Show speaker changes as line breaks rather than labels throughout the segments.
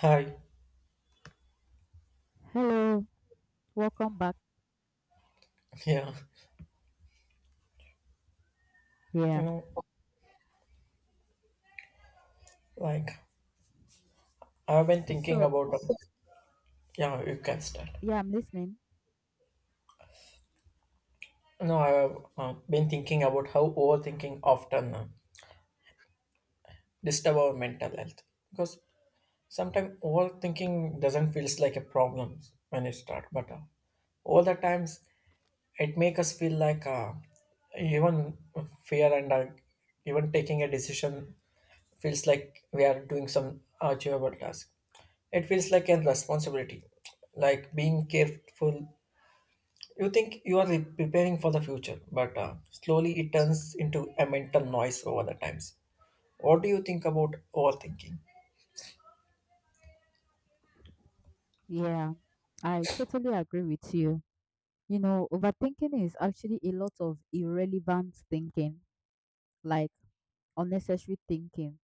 Hi.
Hello, welcome back.
Yeah.
Yeah.
You know, like I've been thinking
So,
about. Yeah, you can start.
yeah, I'm listening.
No, I've been thinking about how overthinking often disturb our mental health because sometimes overthinking doesn't feels like a problem when it start, but all the times it make us feel like even fear and even taking a decision feels like we are doing some achievable task. It feels like a responsibility, like being careful. You think you are preparing for the future, but slowly it turns into a mental noise over the times. What do you think about overthinking?
Yeah, I totally agree with you. You know, overthinking is actually a lot of irrelevant thinking, like unnecessary thinking,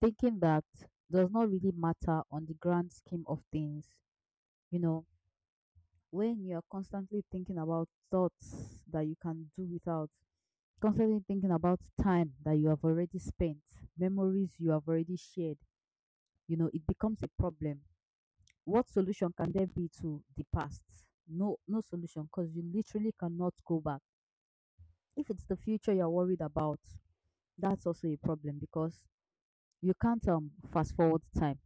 thinking that does not really matter on the grand scheme of things. You know, when you're constantly thinking about thoughts that you can do without, constantly thinking about time that you have already spent, memories you have already shared, you know, it becomes a problem. What solution can there be to the past? No, no solution because you literally cannot go back. If it's the future you're worried about, that's also a problem because you can't fast forward time.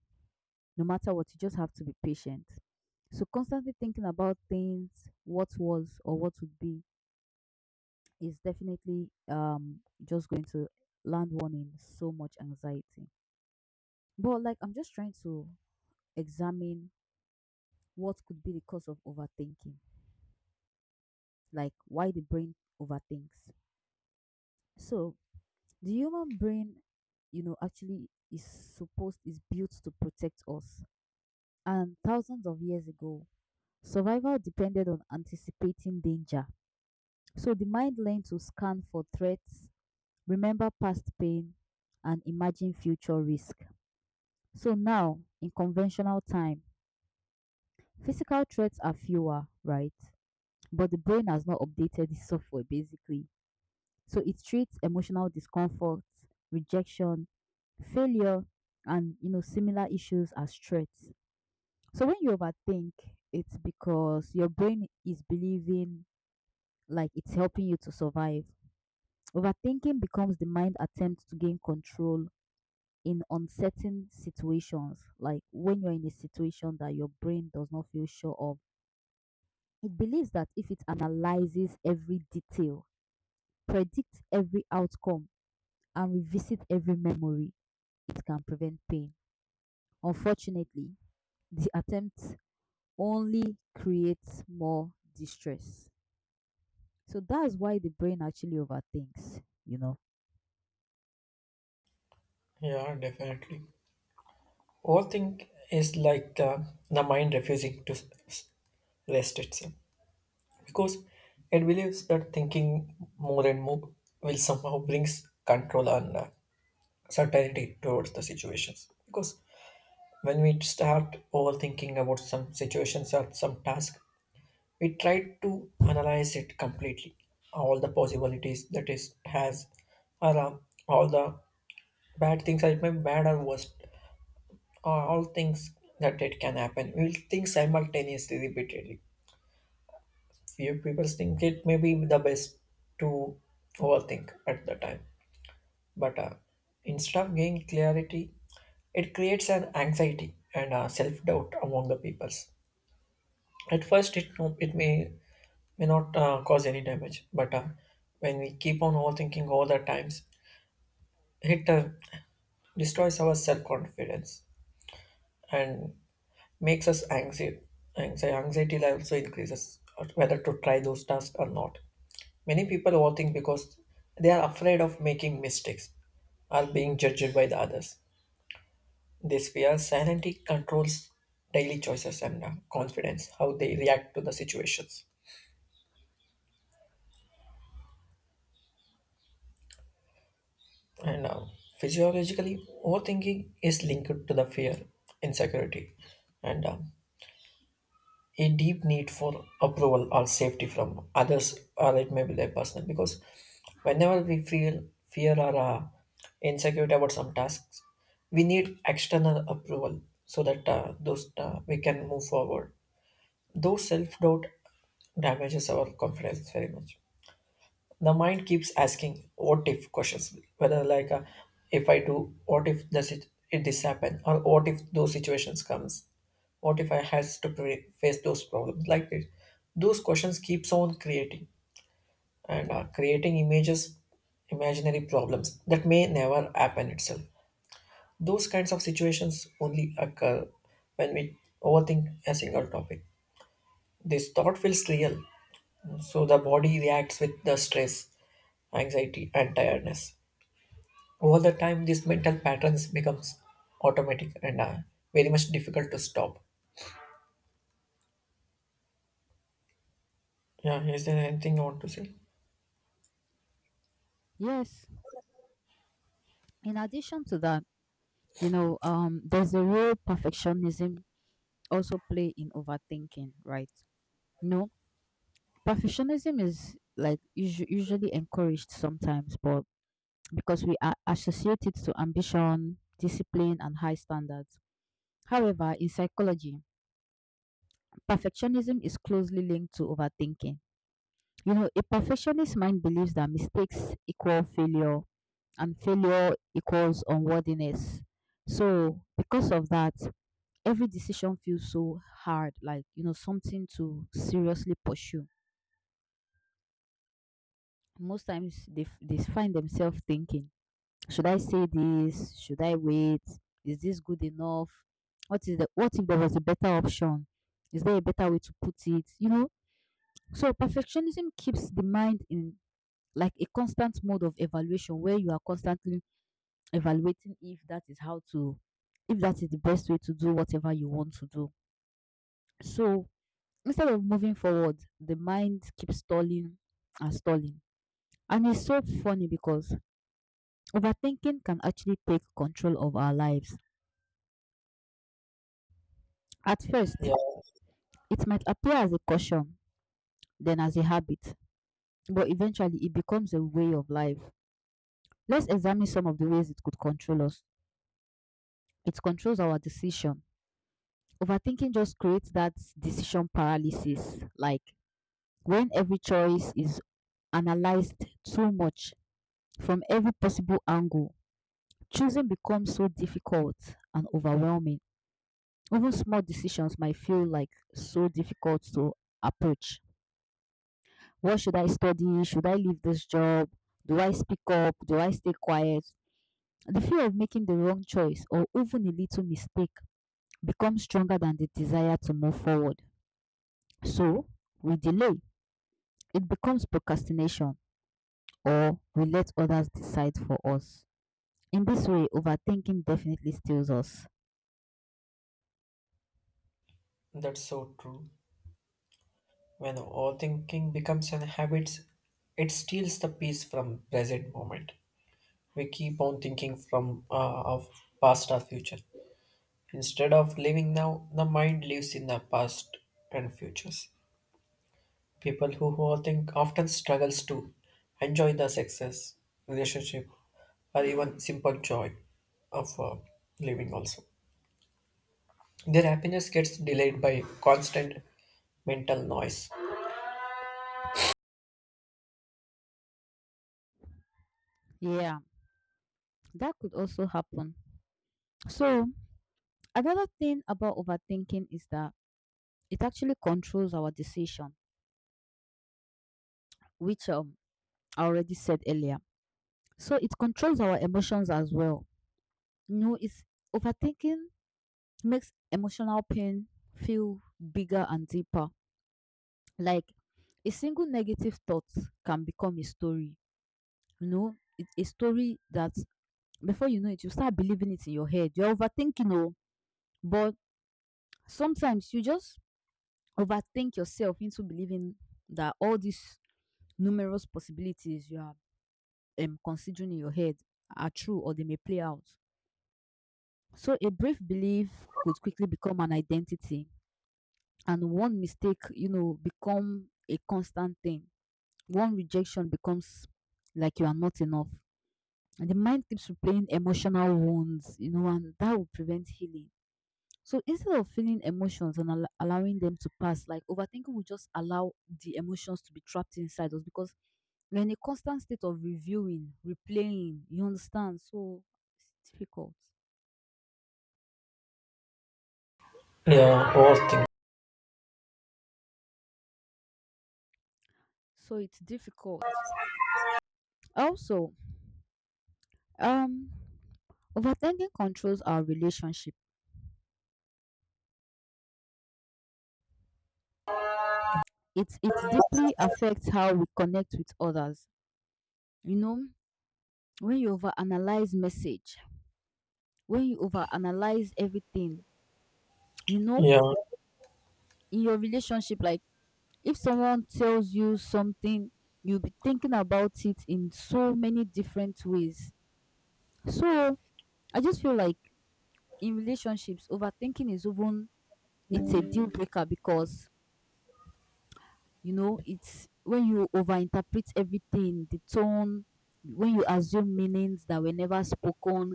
No matter what, you just have to be patient. So constantly thinking about things, what was or what would be, is definitely just going to land one in so much anxiety. But like I'm just trying to examine what could be the cause of overthinking. Like why the brain overthinks. So the human brain, you know, actually is built to protect us. And thousands of years ago, survival depended on anticipating danger. So the mind learned to scan for threats, remember past pain, and imagine future risk. So now, in conventional time, physical threats are fewer, right? But the brain has not updated the software basically. So it treats emotional discomfort, rejection, failure, and you know similar issues as threats. So when you overthink, it's because your brain is believing like it's helping you to survive. Overthinking becomes the mind attempt to gain control in uncertain situations, like when you're in a situation that your brain does not feel sure of. It believes that if it analyzes every detail, predicts every outcome, and revisits every memory, it can prevent pain. Unfortunately, the attempt only creates more distress. So that's why the brain actually overthinks, you know.
Yeah, definitely. Overthink is like the mind refusing to rest itself because it believes that thinking more and more will somehow brings control and certainty towards the situations. Because when we start overthinking about some situations or some task, we try to analyze it completely. All the possibilities that it has, or all the bad things, or it may be bad or worst, or all things that it can happen. We will think simultaneously, repeatedly. Few people think it may be the best to overthink at the time. But instead of gaining clarity, it creates an anxiety and self doubt among the peoples. At first, it no, it may not cause any damage, but when we keep on overthinking all the times, it destroys our self confidence and makes us anxious. Anxiety level also increases whether to try those tasks or not. Many people overthink because they are afraid of making mistakes or being judged by the others. This fear silently controls daily choices and confidence, how they react to the situations. And physiologically, overthinking is linked to the fear, insecurity, and a deep need for approval or safety from others, or it may be their personal. Because whenever we feel fear or insecurity about some tasks, we need external approval so that those we can move forward. Though self doubt damages our confidence very much, the mind keeps asking what if questions whether like if I do what if does it this happen or what if those situations comes, what if I has to face those problems like this, those questions keeps on creating and creating images, imaginary problems that may never happen itself. Those kinds of situations only occur when we overthink a single topic. This thought feels real, so the body reacts with the stress, anxiety and tiredness. Over the time, these mental patterns becomes automatic and very much difficult to stop. Yeah, is there anything you want to say?
Yes, in addition to that, you know, there's a role perfectionism also play in overthinking, right? You know, perfectionism is like usually encouraged sometimes, but because we are associated to ambition, discipline, and high standards. However, in psychology, perfectionism is closely linked to overthinking. You know, a perfectionist mind believes that mistakes equal failure and failure equals unworthiness. So, because of that, every decision feels so hard, like, you know, something to seriously pursue. Most times they find themselves thinking, should I say this? Should I wait? Is this good enough? What is the what if there was a better option? Is there a better way to put it? You know, so perfectionism keeps the mind in like a constant mode of evaluation where you are constantly evaluating if that is how to if that is the best way to do whatever you want to do. So instead of moving forward, the mind keeps stalling and stalling. And it's so funny because overthinking can actually take control of our lives. At first,
Yeah,
it might appear as a caution, then as a habit, but eventually it becomes a way of life. Let's examine some of the ways it could control us. It controls our decision. Overthinking just creates that decision paralysis. Like when every choice is analyzed too much from every possible angle, choosing becomes so difficult and overwhelming. Even small decisions might feel like so difficult to approach. What should I study? Should I leave this job? Do I speak up? Do I stay quiet? The fear of making the wrong choice or even a little mistake becomes stronger than the desire to move forward. So we delay, it becomes procrastination or we let others decide for us. In this way, overthinking definitely steals us.
that's so true. When overthinking becomes an habit, it steals the peace from present moment. We keep on thinking from of past or future. Instead of living now, the mind lives in the past and futures. People who overthink often struggles to enjoy the success, relationship, or even simple joy of living also. Their happiness gets delayed by constant mental noise.
Yeah, that could also happen. So, another thing about overthinking is that it actually controls our decision, which I already said earlier. So, it controls our emotions as well. You know, it's overthinking makes emotional pain feel bigger and deeper. Like a single negative thought can become a story. You know, it, a story that before you know it, you start believing it in your head. You're overthinking, oh, but sometimes you just overthink yourself into believing that all these numerous possibilities you are considering in your head are true or they may play out. So a brief belief could quickly become an identity, and one mistake, you know, become a constant thing. One rejection becomes like you are not enough. And the mind keeps replaying emotional wounds, you know, and that will prevent healing. So instead of feeling emotions and allowing them to pass, like overthinking will just allow the emotions to be trapped inside us because we're in a constant state of reviewing, replaying, you understand? So it's difficult.
Yeah, overthink.
So it's difficult. Also, um, overthinking controls our relationship. It deeply affects how we connect with others. You know, when you overanalyze message, when you overanalyze everything, you know,
Yeah,
in your relationship, like if someone tells you something, you'll be thinking about it in so many different ways. So I just feel like in relationships, overthinking is even it's a deal breaker because you know it's when you overinterpret everything, the tone, when you assume meanings that were never spoken,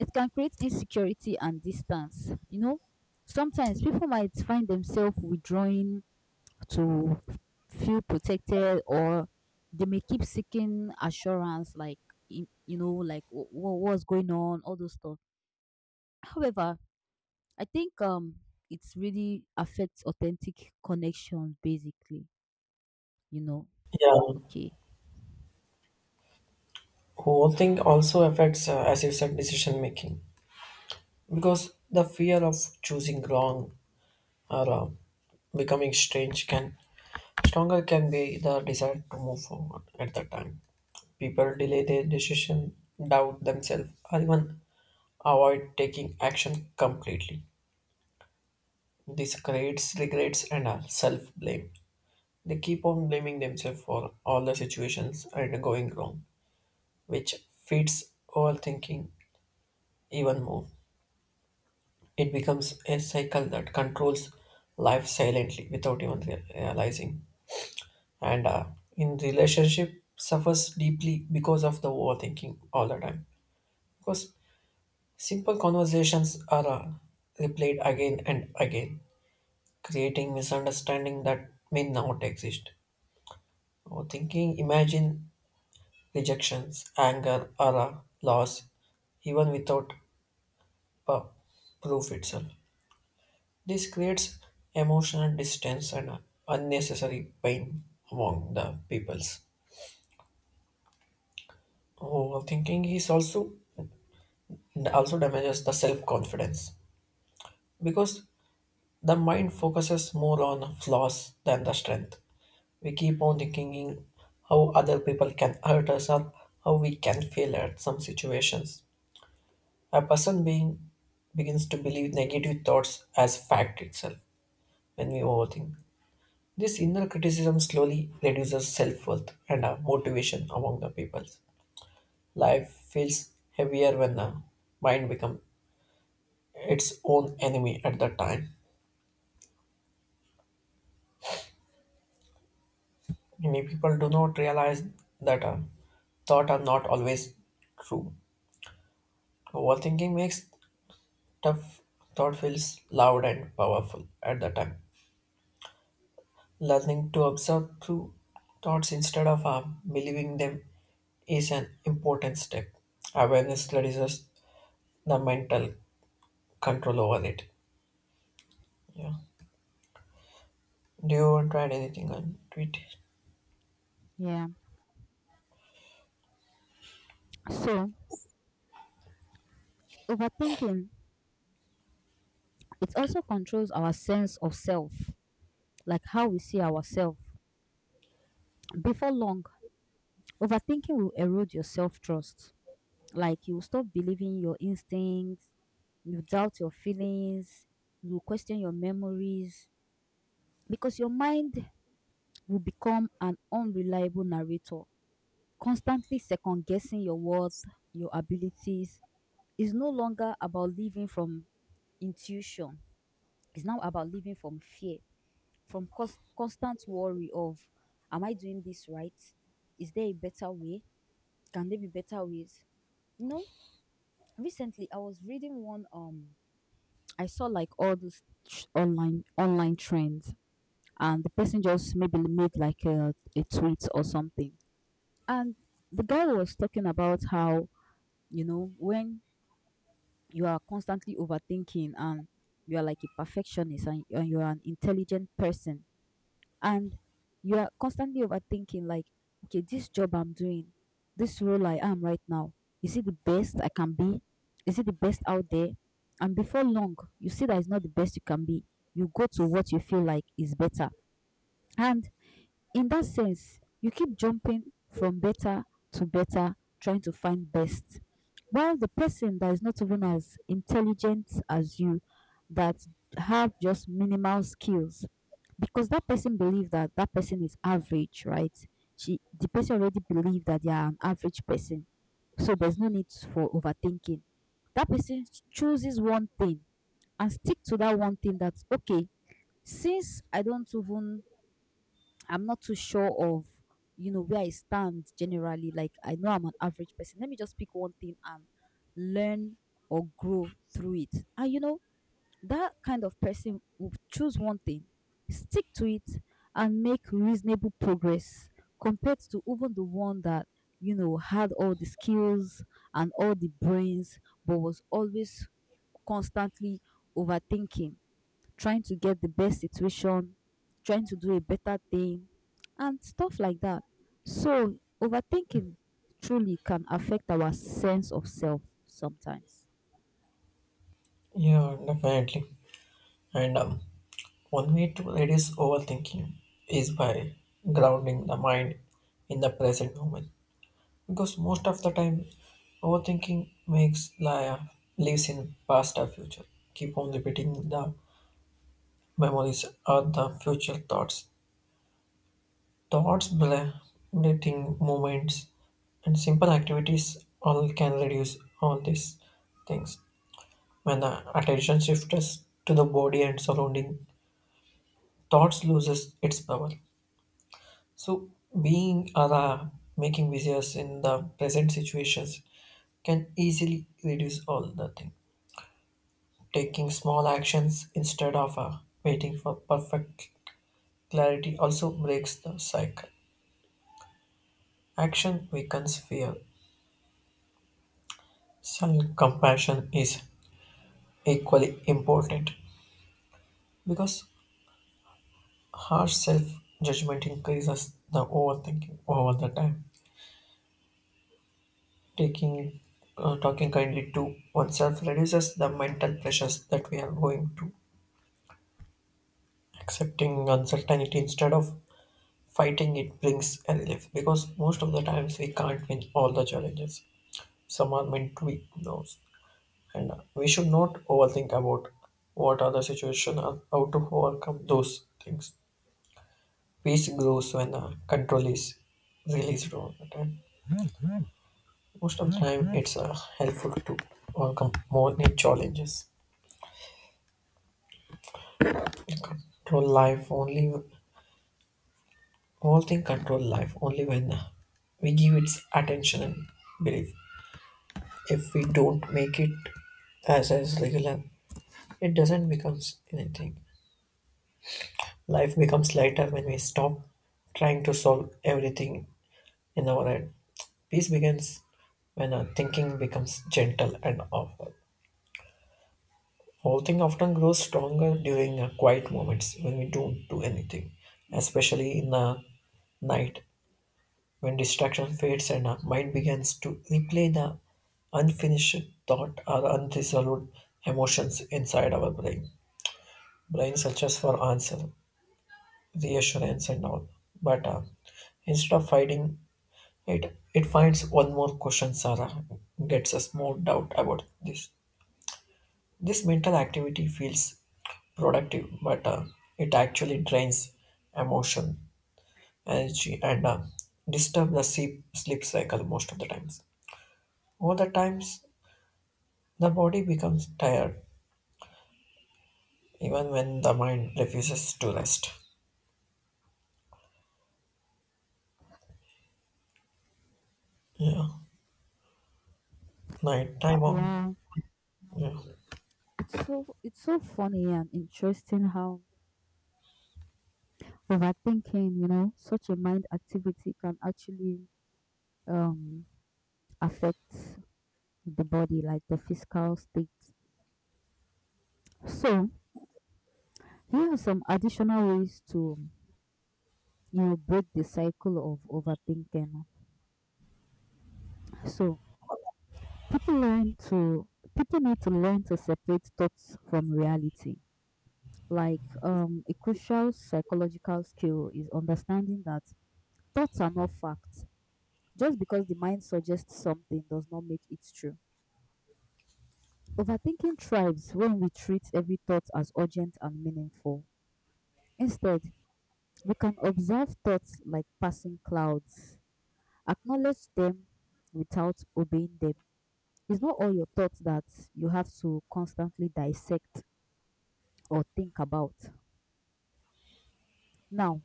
it can create insecurity and distance. You know, sometimes people might find themselves withdrawing to feel protected or they may keep seeking assurance like in- you know like what what's going on all those stuff. However, I think it's really affects authentic connections, basically, you know.
yeah.
Okay.
Overthink also affects as you said, decision making because the fear of choosing wrong or becoming strange can stronger can be the desire to move forward at that time. People delay their decision, doubt themselves, or even avoid taking action completely. This creates regrets and self blame. They keep on blaming themselves for all the situations and going wrong, which feeds overthinking even more. It becomes a cycle that controls life silently without even realizing. And in relationship, suffers deeply because of the overthinking all the time. Because simple conversations are replayed again and again, creating misunderstanding that may not exist. Or thinking, imagine rejections, anger, or loss, even without uh, proof itself. This creates emotional distance and unnecessary pain among the peoples. Overthinking is also damages the self confidence because the mind focuses more on flaws than the strength. We keep on thinking how other people can hurt us or how we can fail at some situations. A person being begins to believe negative thoughts as fact itself when we overthink. This inner criticism slowly reduces self worth and motivation among the people. Life feels heavier when the mind becomes its own enemy at the time. Many people do not realize that thoughts are not always true. Overthinking makes tough thought feels loud and powerful at the time. Learning to observe true thoughts instead of believing them is an important step. Awareness reduces the mental control over it. Yeah. Do you want to add anything on to it?
Yeah, so overthinking it also controls our sense of self, like how we see ourselves. Before long overthinking will erode your self-trust. Like you stop believing your instincts, you doubt your feelings, you question your memories because your mind will become an unreliable narrator, constantly second guessing your worth, your abilities. Is no longer about living from intuition, it's now about living from fear, from constant worry of, am I doing this right? Is there a better way? Can there be better ways? You know, recently I was reading one I saw like all these online trends, and the person just maybe made like a tweet or something. And the guy was talking about how you know when you are constantly overthinking and you are like a perfectionist and you are an intelligent person and you are constantly overthinking like okay this job I'm doing this role I am right now is it the best I can be, is it the best out there, and before long you see that it's not the best you can be, you go to what you feel like is better, and in that sense you keep jumping from better to better trying to find best while the person that is not even as intelligent as you that have just minimal skills because that person believes that that person is average, right? She the person already believes that they are an average person, so there's no need for overthinking. That person chooses one thing and stick to that one thing. That's okay. Since I don't even I'm not too sure of you know where I stand generally. Like I know I'm an average person. Let me just pick one thing and learn or grow through it. And you know that kind of person will choose one thing, stick to it, and make reasonable progress compared to even the one that, you know, had all the skills and all the brains, but was always constantly overthinking, trying to get the best situation, trying to do a better thing, and stuff like that. So, overthinking truly can affect our sense of self sometimes.
Yeah, definitely. And one way to reduce overthinking is by grounding the mind in the present moment, because most of the time overthinking makes life lives in past or future, keep on repeating the memories or the future thoughts, thoughts belating moments and simple activities all can reduce all these things. When the attention shifts to the body and surrounding, thoughts loses its power. So being or making business in the present situations can easily reduce all the things. Taking small actions instead of waiting for perfect clarity also breaks the cycle. Action weakens fear. Self compassion is equally important because harsh self judgment increases the overthinking over the time. Taking talking kindly to oneself reduces the mental pressures that we are going to. Accepting uncertainty instead of fighting it brings a relief because most of the times we can't win all the challenges. Someone meant to be knows. And we should not overthink about what are the situation and how to overcome those things. Peace grows when control is released all the time. Most of the time, it's helpful to overcome more new challenges. We Control life only, all thing control life only when we give its attention and belief. If we don't make it as regular, it doesn't becomes anything. Life becomes lighter when we stop trying to solve everything in our head. Peace begins when our thinking becomes gentle and awful. Whole thing often grows stronger during our quiet moments when we don't do anything, especially in the night when distraction fades and our mind begins to replay the unfinished thought or unresolved emotions inside our brain. Brain searches for answer, reassurance, and all. But instead of fighting, it finds one more question. Sarah gets us more doubt about this. This mental activity feels productive, but it actually drains emotion, energy, and disturb the sleep cycle most of the times. All the times, the body becomes tired, even when the mind refuses to rest. Yeah, night time. Oh,
Yeah.
yeah,
It's so funny and interesting how overthinking, you know, such a mind activity can actually um affect the body, like the physical state. So here are some additional ways to you know break the cycle of overthinking. So people learn to people need to learn to separate thoughts from reality. Like a crucial psychological skill is understanding that thoughts are not facts. Just because the mind suggests something does not make it true. Overthinking thrives when we treat every thought as urgent and meaningful. Instead, we can observe thoughts like passing clouds, acknowledge them without obeying them. It's not all your thoughts that you have to constantly dissect or think about. Now,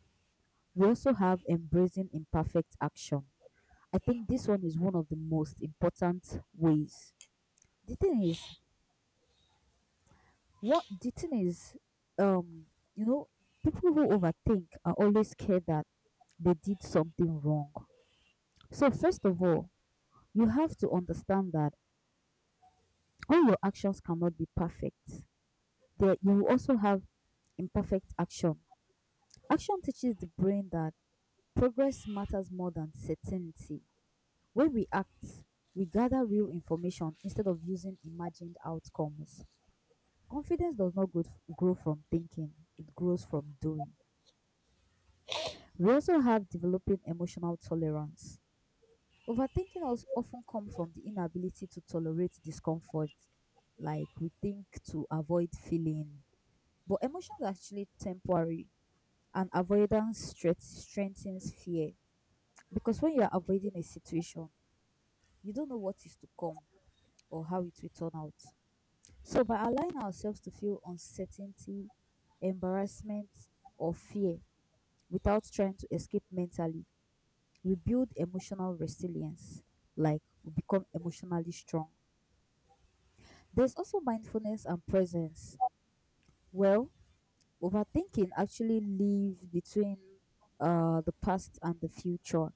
we also have embracing imperfect action. I think this one is one of the most important ways. The thing is, what the thing is, um, you know, people who overthink are always scared that they did something wrong. So, first of all, you have to understand that all your actions cannot be perfect. That you will also have imperfect action. Action teaches the brain that progress matters more than certainty. When we act, we gather real information instead of using imagined outcomes. Confidence does not grow from thinking, it grows from doing. We also have developing emotional tolerance. Overthinking also often comes from the inability to tolerate discomfort, like we think to avoid feeling. But emotions are actually temporary, and avoidance strengthens fear because when you are avoiding a situation, you don't know what is to come or how it will turn out. So, by allowing ourselves to feel uncertainty, embarrassment, or fear without trying to escape mentally, we build emotional resilience, like we become emotionally strong. There's also mindfulness and presence. Well, overthinking actually live between the past and the future.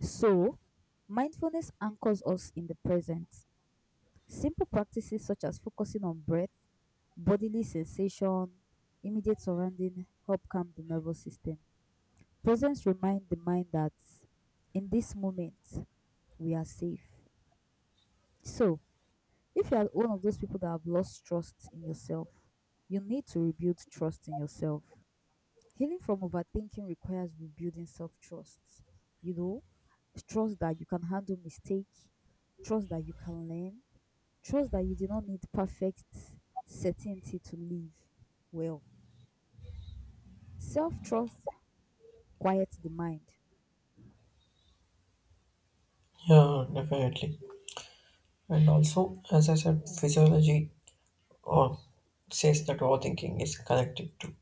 So, mindfulness anchors us in the present. Simple practices such as focusing on breath, bodily sensation, immediate surrounding help calm the nervous system. Presence remind the mind that in this moment we are safe. So, if you are one of those people that have lost trust in yourself, you need to rebuild trust in yourself. Healing from overthinking requires rebuilding self trust. You know, trust that you can handle mistake, trust that you can learn, trust that you do not need perfect certainty to live well. Self trust quiets the mind.
yeah, definitely. And also, as I said, physiology or says that overthinking is connected to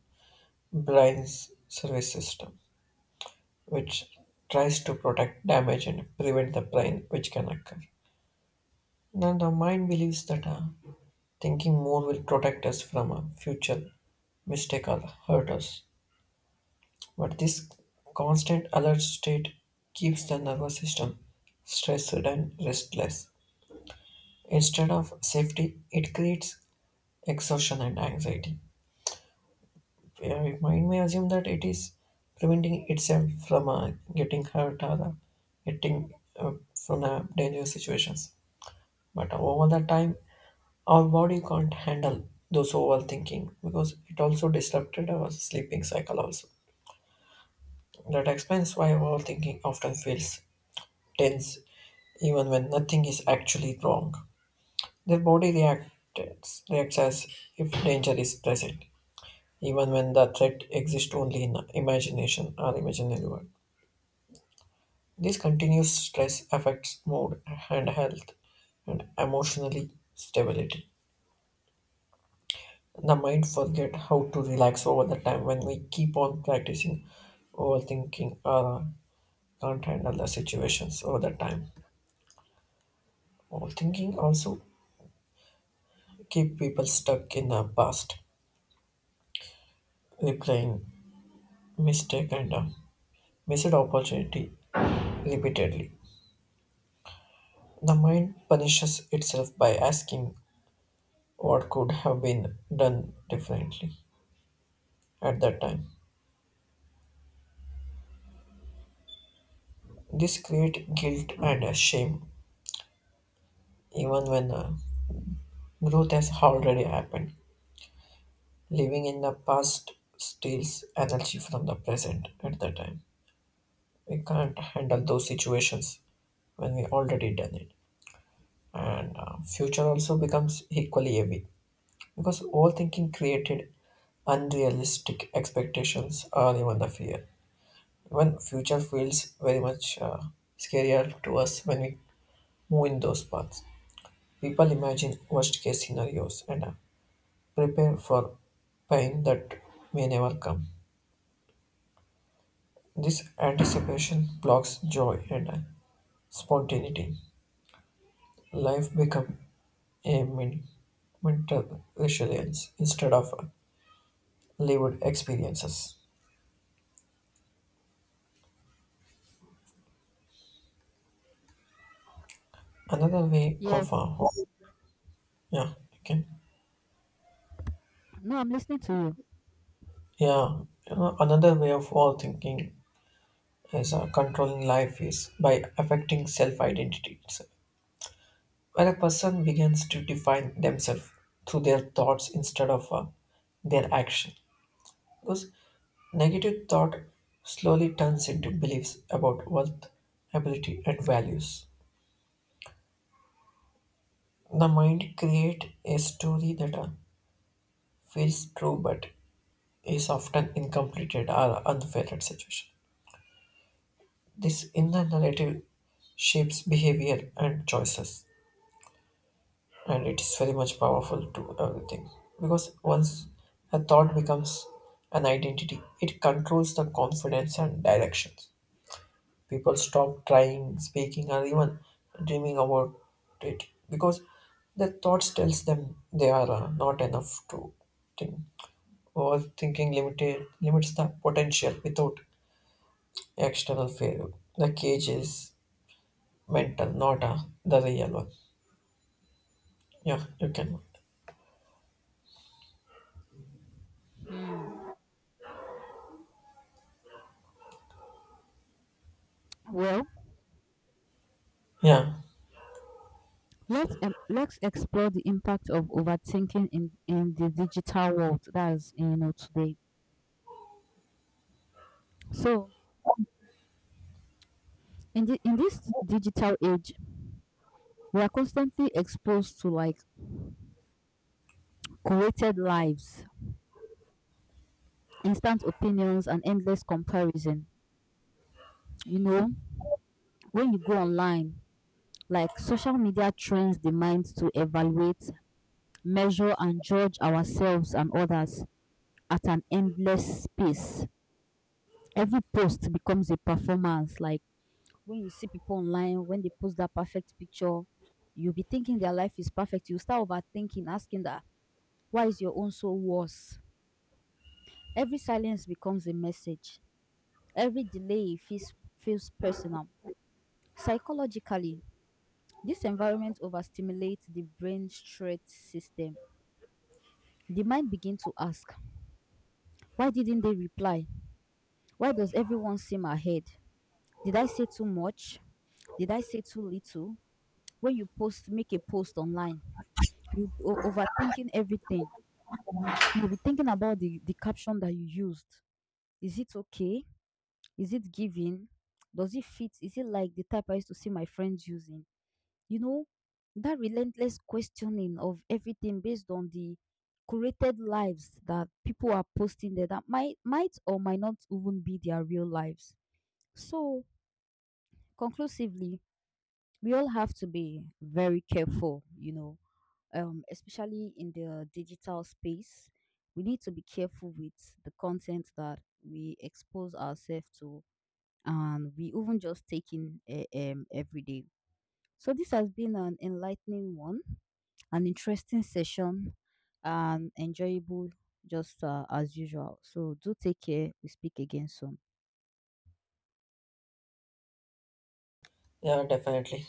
brain's service system, which tries to protect damage and prevent the pain which can occur. Now the mind believes that thinking more will protect us from a future mistake or hurt us. But this constant alert state keeps the nervous system stressed and restless. Instead of safety, it creates exhaustion and anxiety, where my mind may assume that it is preventing itself from getting hurt or getting from dangerous situations. But over the time, our body can't handle those overthinking because it also disrupted our sleeping cycle also. That explains why overthinking often feels tense even when nothing is actually wrong. Their body reacts as if danger is present, even when the threat exists only in imagination or imaginary world. This continuous stress affects mood and health and emotionally stability. The mind forget how to relax over the time when we keep on practicing overthinking or can't handle the situations over the time. Overthinking also keep people stuck in the past, replaying mistake and missed opportunity repeatedly. The mind punishes itself by asking what could have been done differently at that time. This creates guilt and shame even when growth has already happened. Living in the past steals energy from the present at the time. We can't handle those situations when we already done it. And future also becomes equally heavy because overthinking created unrealistic expectations or even the fear. Even future feels very much scarier to us when we move in those paths. People imagine worst case scenarios and prepare for pain that may never come. This anticipation blocks joy and spontaneity. Life becomes a mental resilience instead of lived experiences. Another way of
Yes.
yeah, okay,
No, I'm listening to you.
yeah, you know, another way of all thinking is controlling life is by affecting self-identity. So, when a person begins to define themselves through their thoughts instead of their action. Because negative thought slowly turns into beliefs about worth, ability, and values. The mind creates a story that feels true but is often incomplete or unfair at situation. This inner narrative shapes behavior and choices, and it is very much powerful to everything. Because once a thought becomes an identity, it controls the confidence and directions. People stop trying, speaking, or even dreaming about it because their thoughts tells them they are not enough to think. Overthinking limited limits the potential without external failure. The cage is mental, not the real one. Yeah, you can.
Hmm. Well,
Yeah, so,
let's explore the impact of overthinking in the digital world. That's you know today. So in the in this digital age, we are constantly exposed to like curated lives, instant opinions, and endless comparison. You know, when you go online, like social media trains the mind to evaluate, measure, and judge ourselves and others at an endless pace. Every post becomes a performance, like when you see people online, when they post that perfect picture, you'll be thinking their life is perfect. You start overthinking, asking that, why is your own so worse? Every silence becomes a message. Every delay feels personal. Psychologically, this environment overstimulates the brain stress system. The mind begins to ask, why didn't they reply? Why does everyone seem ahead? Did I say too much? Did I say too little? When you post, make a post online you'll be overthinking everything. You'll be thinking about the caption that you used. Is it okay? Is it giving? Does it fit? Is it like the type I used to see my friends using? You know, that relentless questioning of everything based on the curated lives that people are posting there that might or might not even be their real lives. So conclusively, we all have to be very careful, you know, especially in the digital space, we need to be careful with the content that we expose ourselves to and we even just take in every day. So, this has been an enlightening one, an interesting session, and enjoyable just as usual. So, do take care. We speak again soon.
yeah, definitely.